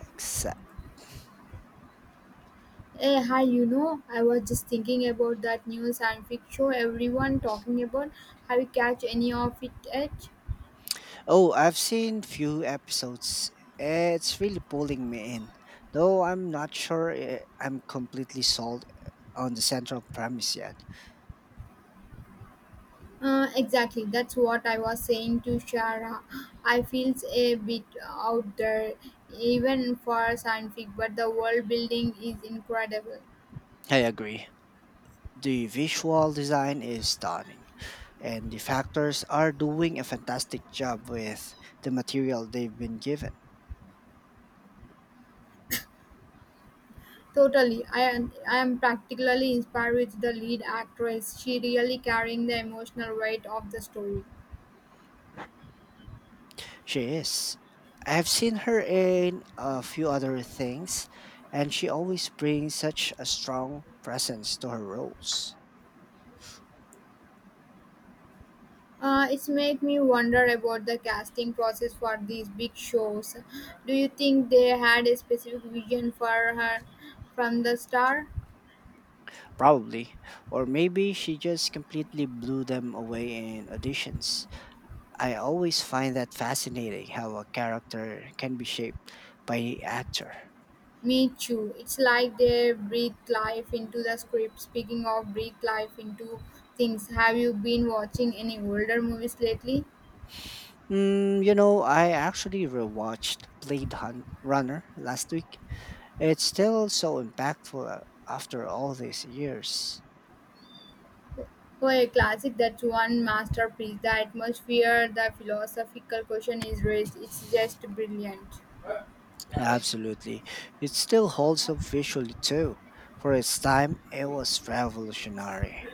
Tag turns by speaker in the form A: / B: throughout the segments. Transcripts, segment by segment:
A: Exa-
B: Hey, hi, you know, I was just thinking about that new science fiction show everyone talking about. Have you catch any of it yet?
A: Oh, I've seen few episodes. It's really pulling me in, though I'm not sure I'm completely sold on the central premise yet.
B: Exactly, that's what I was saying to Shara. I feels a bit out there, even for science fiction, but the world building is incredible.
A: I agree. The visual design is stunning, and the factors are doing a fantastic job with the material they've been given.
B: Totally, I am particularly inspired with the lead actress. She really carrying the emotional weight of the story.
A: She is. I've seen her in a few other things, and she always brings such a strong presence to her roles.
B: It's made me wonder about the casting process for these big shows. Do you think they had a specific vision for her from the star?
A: Probably. Or maybe she just completely blew them away in auditions. I always find that fascinating how a character can be shaped by the actor.
B: Me too. It's like they breathed life into the script. Speaking of breathe life into things, have you been watching any older movies lately?
A: You know, I actually rewatched Blade Runner last week. It's still so impactful after all these years.
B: For a classic, that's one masterpiece. The atmosphere, the philosophical question is raised. It's just brilliant.
A: Absolutely. It still holds up visually too. For its time, it was revolutionary.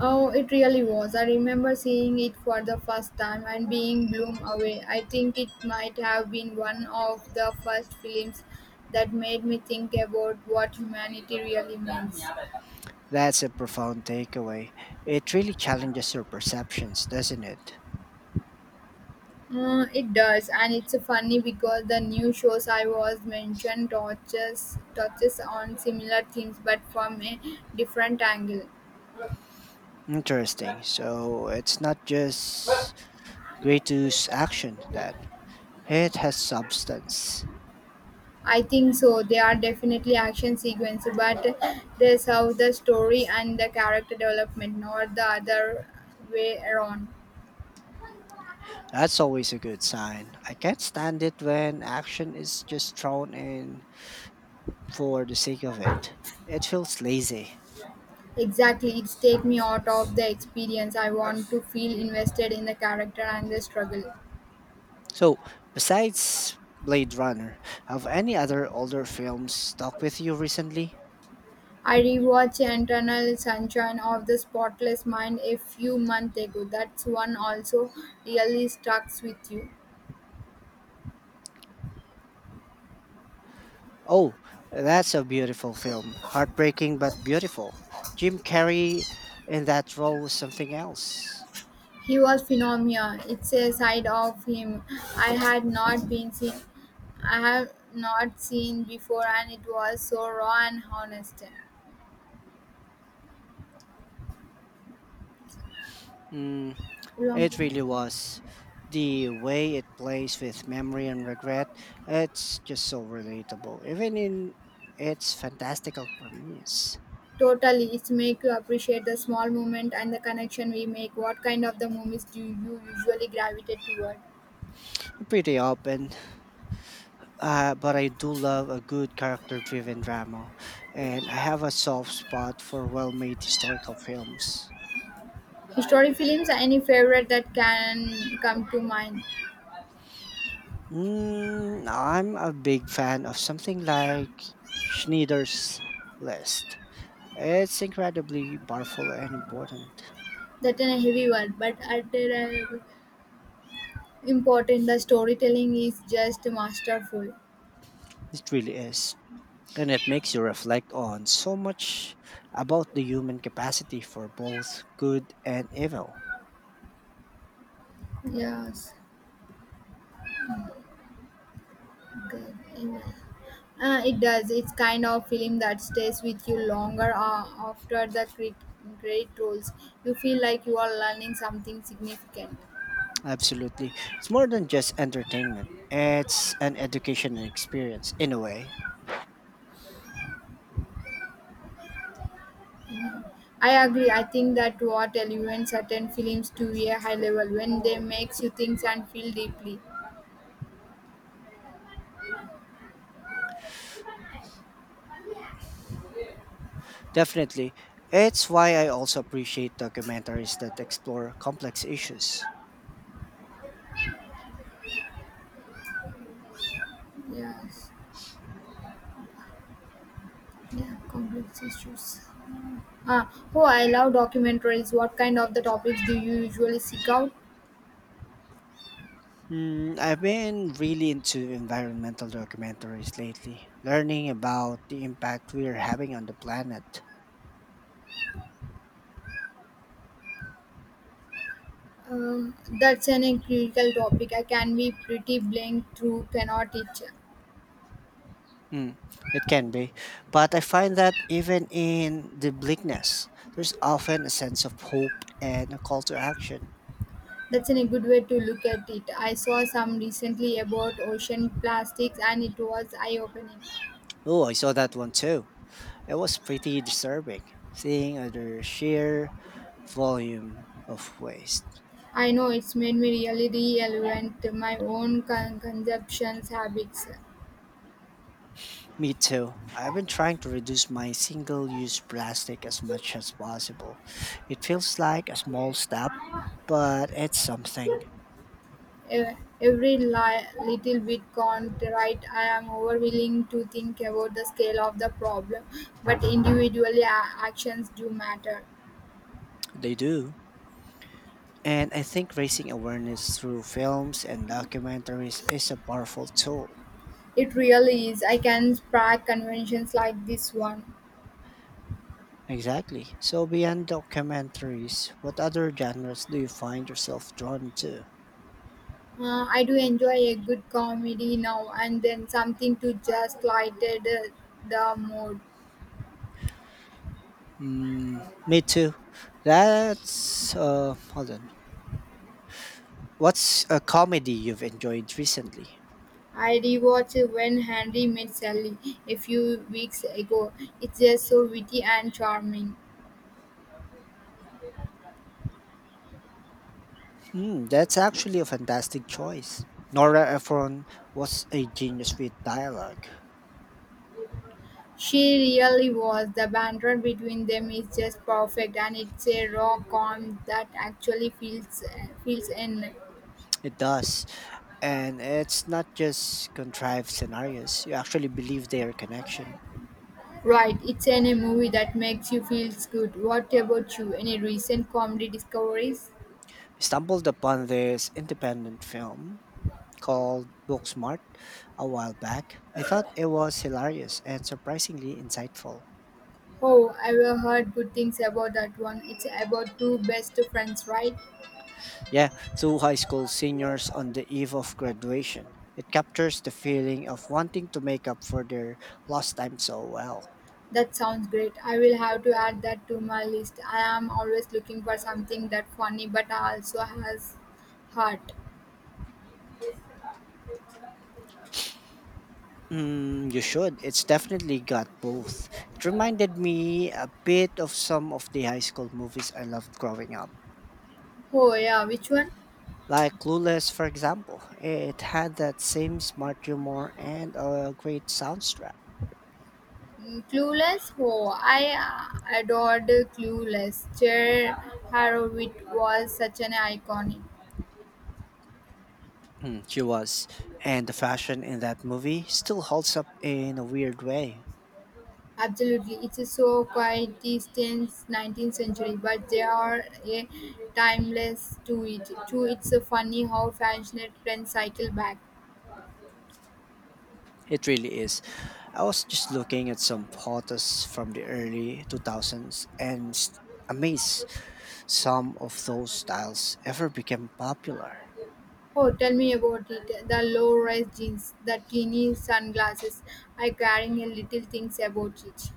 B: Oh, it really was. I remember seeing it for the first time and being blown away. I think it might have been one of the first films that made me think about what humanity really means.
A: That's a profound takeaway. It really challenges your perceptions, doesn't it?
B: It does, and it's funny because the new shows I was mentioned touches on similar themes but from a different angle.
A: Interesting. So it's not just gratuitous action then. It has substance.
B: I think so. They are definitely action sequence, but they serve the story and the character development, not the other way around.
A: That's always a good sign. I can't stand it when action is just thrown in for the sake of it. It feels lazy.
B: Exactly, it's take me out of the experience. I want to feel invested in the character and the struggle.
A: So, besides Blade Runner, have any other older films stuck with you recently?
B: I rewatched Internal Sunshine of the Spotless Mind a few months ago. That's one also really stuck with you.
A: Oh, that's a beautiful film. Heartbreaking but beautiful. Jim Carrey in that role was something else.
B: He was phenomenal. It's a side of him I had not been seen I have not seen before and it was so raw and honest.
A: Mm,
B: Long-
A: it really was. The way it plays with memory and regret, it's just so relatable, even in its fantastical premise.
B: Totally, it's make you appreciate the small moment and the connection we make. What kind of the movies do you usually gravitate toward?
A: I'm pretty open, but I do love a good character driven drama, and I have a soft spot for well made historical films.
B: Historic films, any favorite that can come to mind?
A: I'm a big fan of something like Schneider's List. It's incredibly powerful and important.
B: That in a heavy one, but at a important the storytelling is just masterful.
A: It really is. And it makes you reflect on so much about the human capacity for both good and evil.
B: Yes. Okay. Yeah. It does. It's kind of film that stays with you longer after the great roles. You feel like you are learning something significant.
A: Absolutely. It's more than just entertainment, it's an education and experience in a way.
B: I agree. I think that what elevates certain films to a high level when they makes you think and feel deeply.
A: Definitely. It's why I also appreciate documentaries that explore complex issues.
B: Yes. Yeah. Complex issues. Oh, I love documentaries. What kind of the topics do you usually seek out?
A: I've been really into environmental documentaries lately, learning about the impact we are having on the planet.
B: That's an a critical topic. I can be pretty blank through cannot it.
A: Mm, it can be, but I find that even in the bleakness, there's often a sense of hope and a call to action.
B: That's an a good way to look at it. I saw some recently about ocean plastics and it was eye opening.
A: Oh, I saw that one too. It was pretty disturbing, seeing the sheer volume of waste.
B: I know it's made me really reevaluate my own consumption habits.
A: Me too. I've been trying to reduce my single use plastic as much as possible. It feels like a small step, but it's something.
B: Every little bit can right. I am overwilling to think about the scale of the problem, but individually actions do matter.
A: They do. And I think raising awareness through films and documentaries is a powerful tool.
B: It really is. I can spark conventions like this one.
A: Exactly. So, beyond documentaries, what other genres do you find yourself drawn to?
B: I do enjoy a good comedy now and then something to just lighten the mood.
A: Me too. That's. Hold on. What's a comedy you've enjoyed recently?
B: I rewatched When Henry Met Sally a few weeks ago. It's just so witty and charming.
A: That's actually a fantastic choice. Nora Ephron was a genius with dialogue.
B: She really was. The banter between them is just perfect, and it's a raw calm that actually feels in.
A: It does. And it's not just contrived scenarios, you actually believe their connection.
B: Right, it's any movie that makes you feel good. What about you? Any recent comedy discoveries?
A: I stumbled upon this independent film called Booksmart a while back. I thought it was hilarious and surprisingly insightful.
B: Oh, I've heard good things about that one. It's about two best friends, right?
A: Yeah, two high school seniors on the eve of graduation. It captures the feeling of wanting to make up for their lost time so well.
B: That sounds great. I will have to add that to my list. I am always looking for something that funny but also has heart.
A: You should. It's definitely got both. It reminded me a bit of some of the high school movies I loved growing up,
B: Oh yeah, which one?
A: like Clueless, for example. It had that same smart humor and a great soundtrack.
B: Mm, Clueless. Oh, I Adored Clueless. Cher Horowitz was such an iconic.
A: She was. And the fashion in that movie still holds up in a weird way.
B: Absolutely, it is so quite since 19th century, but there are a timeless to it. Too, it's a funny how fashion trends cycle back.
A: It really is. I was just looking at some photos from the early 2000s and amazed some of those styles ever became popular.
B: Oh, tell me about it. The low-rise jeans, the teeny sunglasses. I caring a little things about it.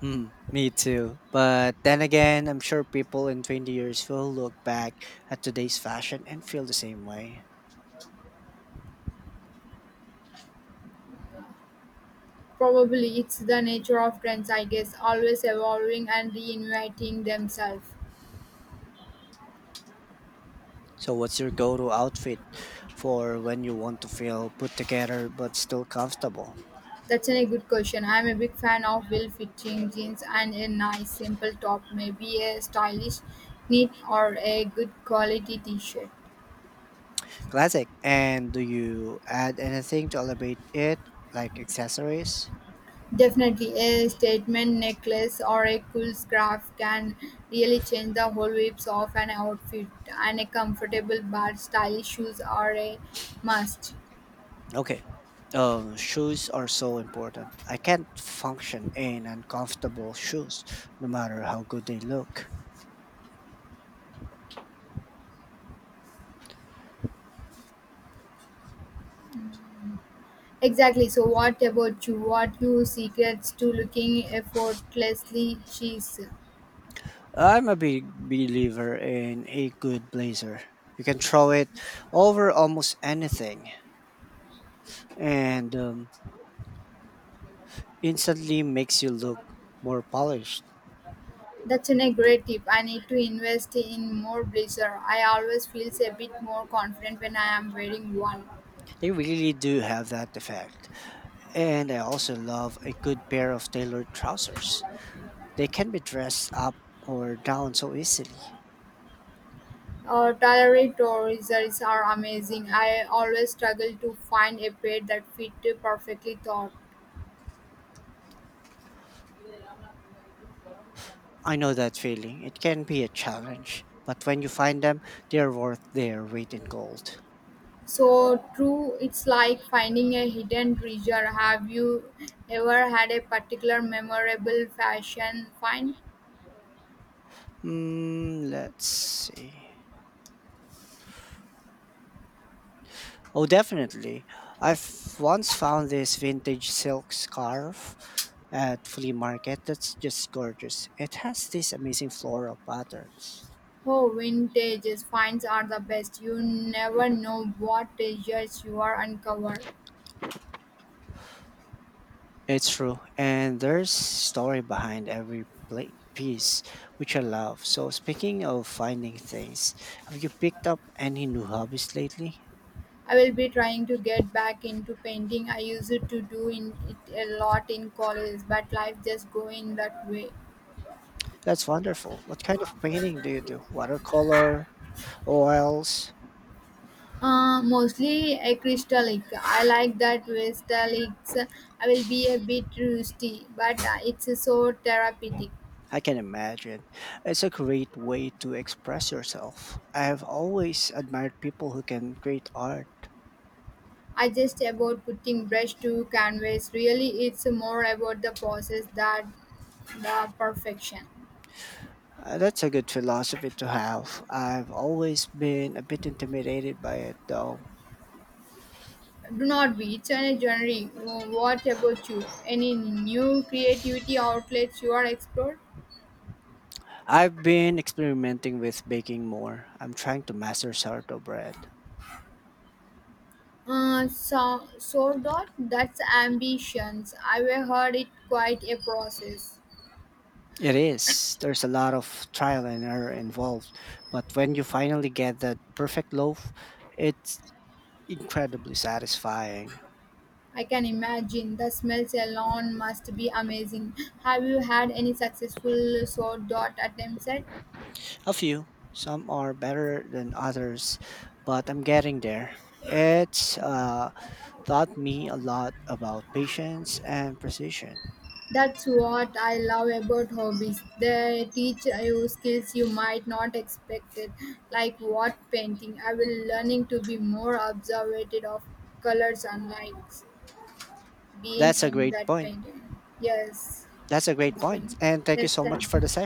A: Hmm, me too. But then again, I'm sure people in 20 years will look back at today's fashion and feel the same way.
B: Probably it's the nature of trends, I guess, always evolving and reinventing themselves.
A: So, what's your go to outfit for when you want to feel put together but still comfortable?
B: That's a good question. I'm a big fan of well-fitting jeans and a nice simple top, maybe a stylish knit or a good quality t-shirt.
A: Classic. And do you add anything to elevate it, like accessories?
B: Definitely a statement necklace or a cool scarf can really change the whole vibes of an outfit and a comfortable but stylish shoes are a must.
A: Okay. Shoes are so important. I can't function in uncomfortable shoes, no matter how good they look.
B: Exactly. So what about you? What you secrets to looking effortlessly cheese?
A: I'm a big believer in a good blazer. You can throw it over almost anything and instantly makes you look more polished.
B: That's an a great tip. I need to invest in more blazer. I always feels a bit more confident when I am wearing one.
A: They really do have that effect. And I also love a good pair of tailored trousers. They can be dressed up or down so easily.
B: Tailored trousers are amazing. I always struggle to find a pair that fit perfectly thought.
A: I know that feeling. It can be a challenge, but when you find them, they're worth their weight in gold.
B: So true, it's like finding a hidden treasure. Have you ever had a particular memorable fashion find?
A: Let's see. Oh, definitely. I've once found this vintage silk scarf at flea market that's just gorgeous. It has these amazing floral patterns.
B: Oh, vintage finds are the best. You never know what treasures you are uncover.
A: It's true, and there's story behind every pla piece, which I love. So, speaking of finding things, have you picked up any new hobbies lately?
B: I will be trying to get back into painting. I used to do in it a lot in college, but life just going that way.
A: That's wonderful. What kind of painting do you do? Watercolor, oils?
B: Mostly acrylic. I like that with acrylics. I will be a bit rusty, but it's so therapeutic.
A: I can imagine. It's a great way to express yourself. I have always admired people who can create art.
B: I just about putting brush to canvas. Really, it's more about the process that the perfection.
A: That's a good philosophy to have. I've always been a bit intimidated by it though.
B: Do not be. It's a genre. What about you? Any new creativity outlets you are explored?
A: I've been experimenting with baking more. I'm trying to master sourdough bread.
B: So dot. That's ambitions. I have heard it quite a process.
A: It is. There's a lot of trial and error involved, but when you finally get that perfect loaf, it's incredibly satisfying.
B: I can imagine the smells alone must be amazing. Have you had any successful so dot attempts at?
A: A few. Some are better than others, but I'm getting there. It's taught me a lot about patience and precision.
B: That's what I love about hobbies. They teach you skills you might not expect it, like what painting. I will learning to be more observant of colors and lights being
A: That's a
B: in
A: great
B: that
A: point.
B: painting. Yes,
A: That's a great
B: it's
A: point.
B: been.
A: And thank you
B: Yes,
A: so much
B: thank
A: for the
B: you.
A: session.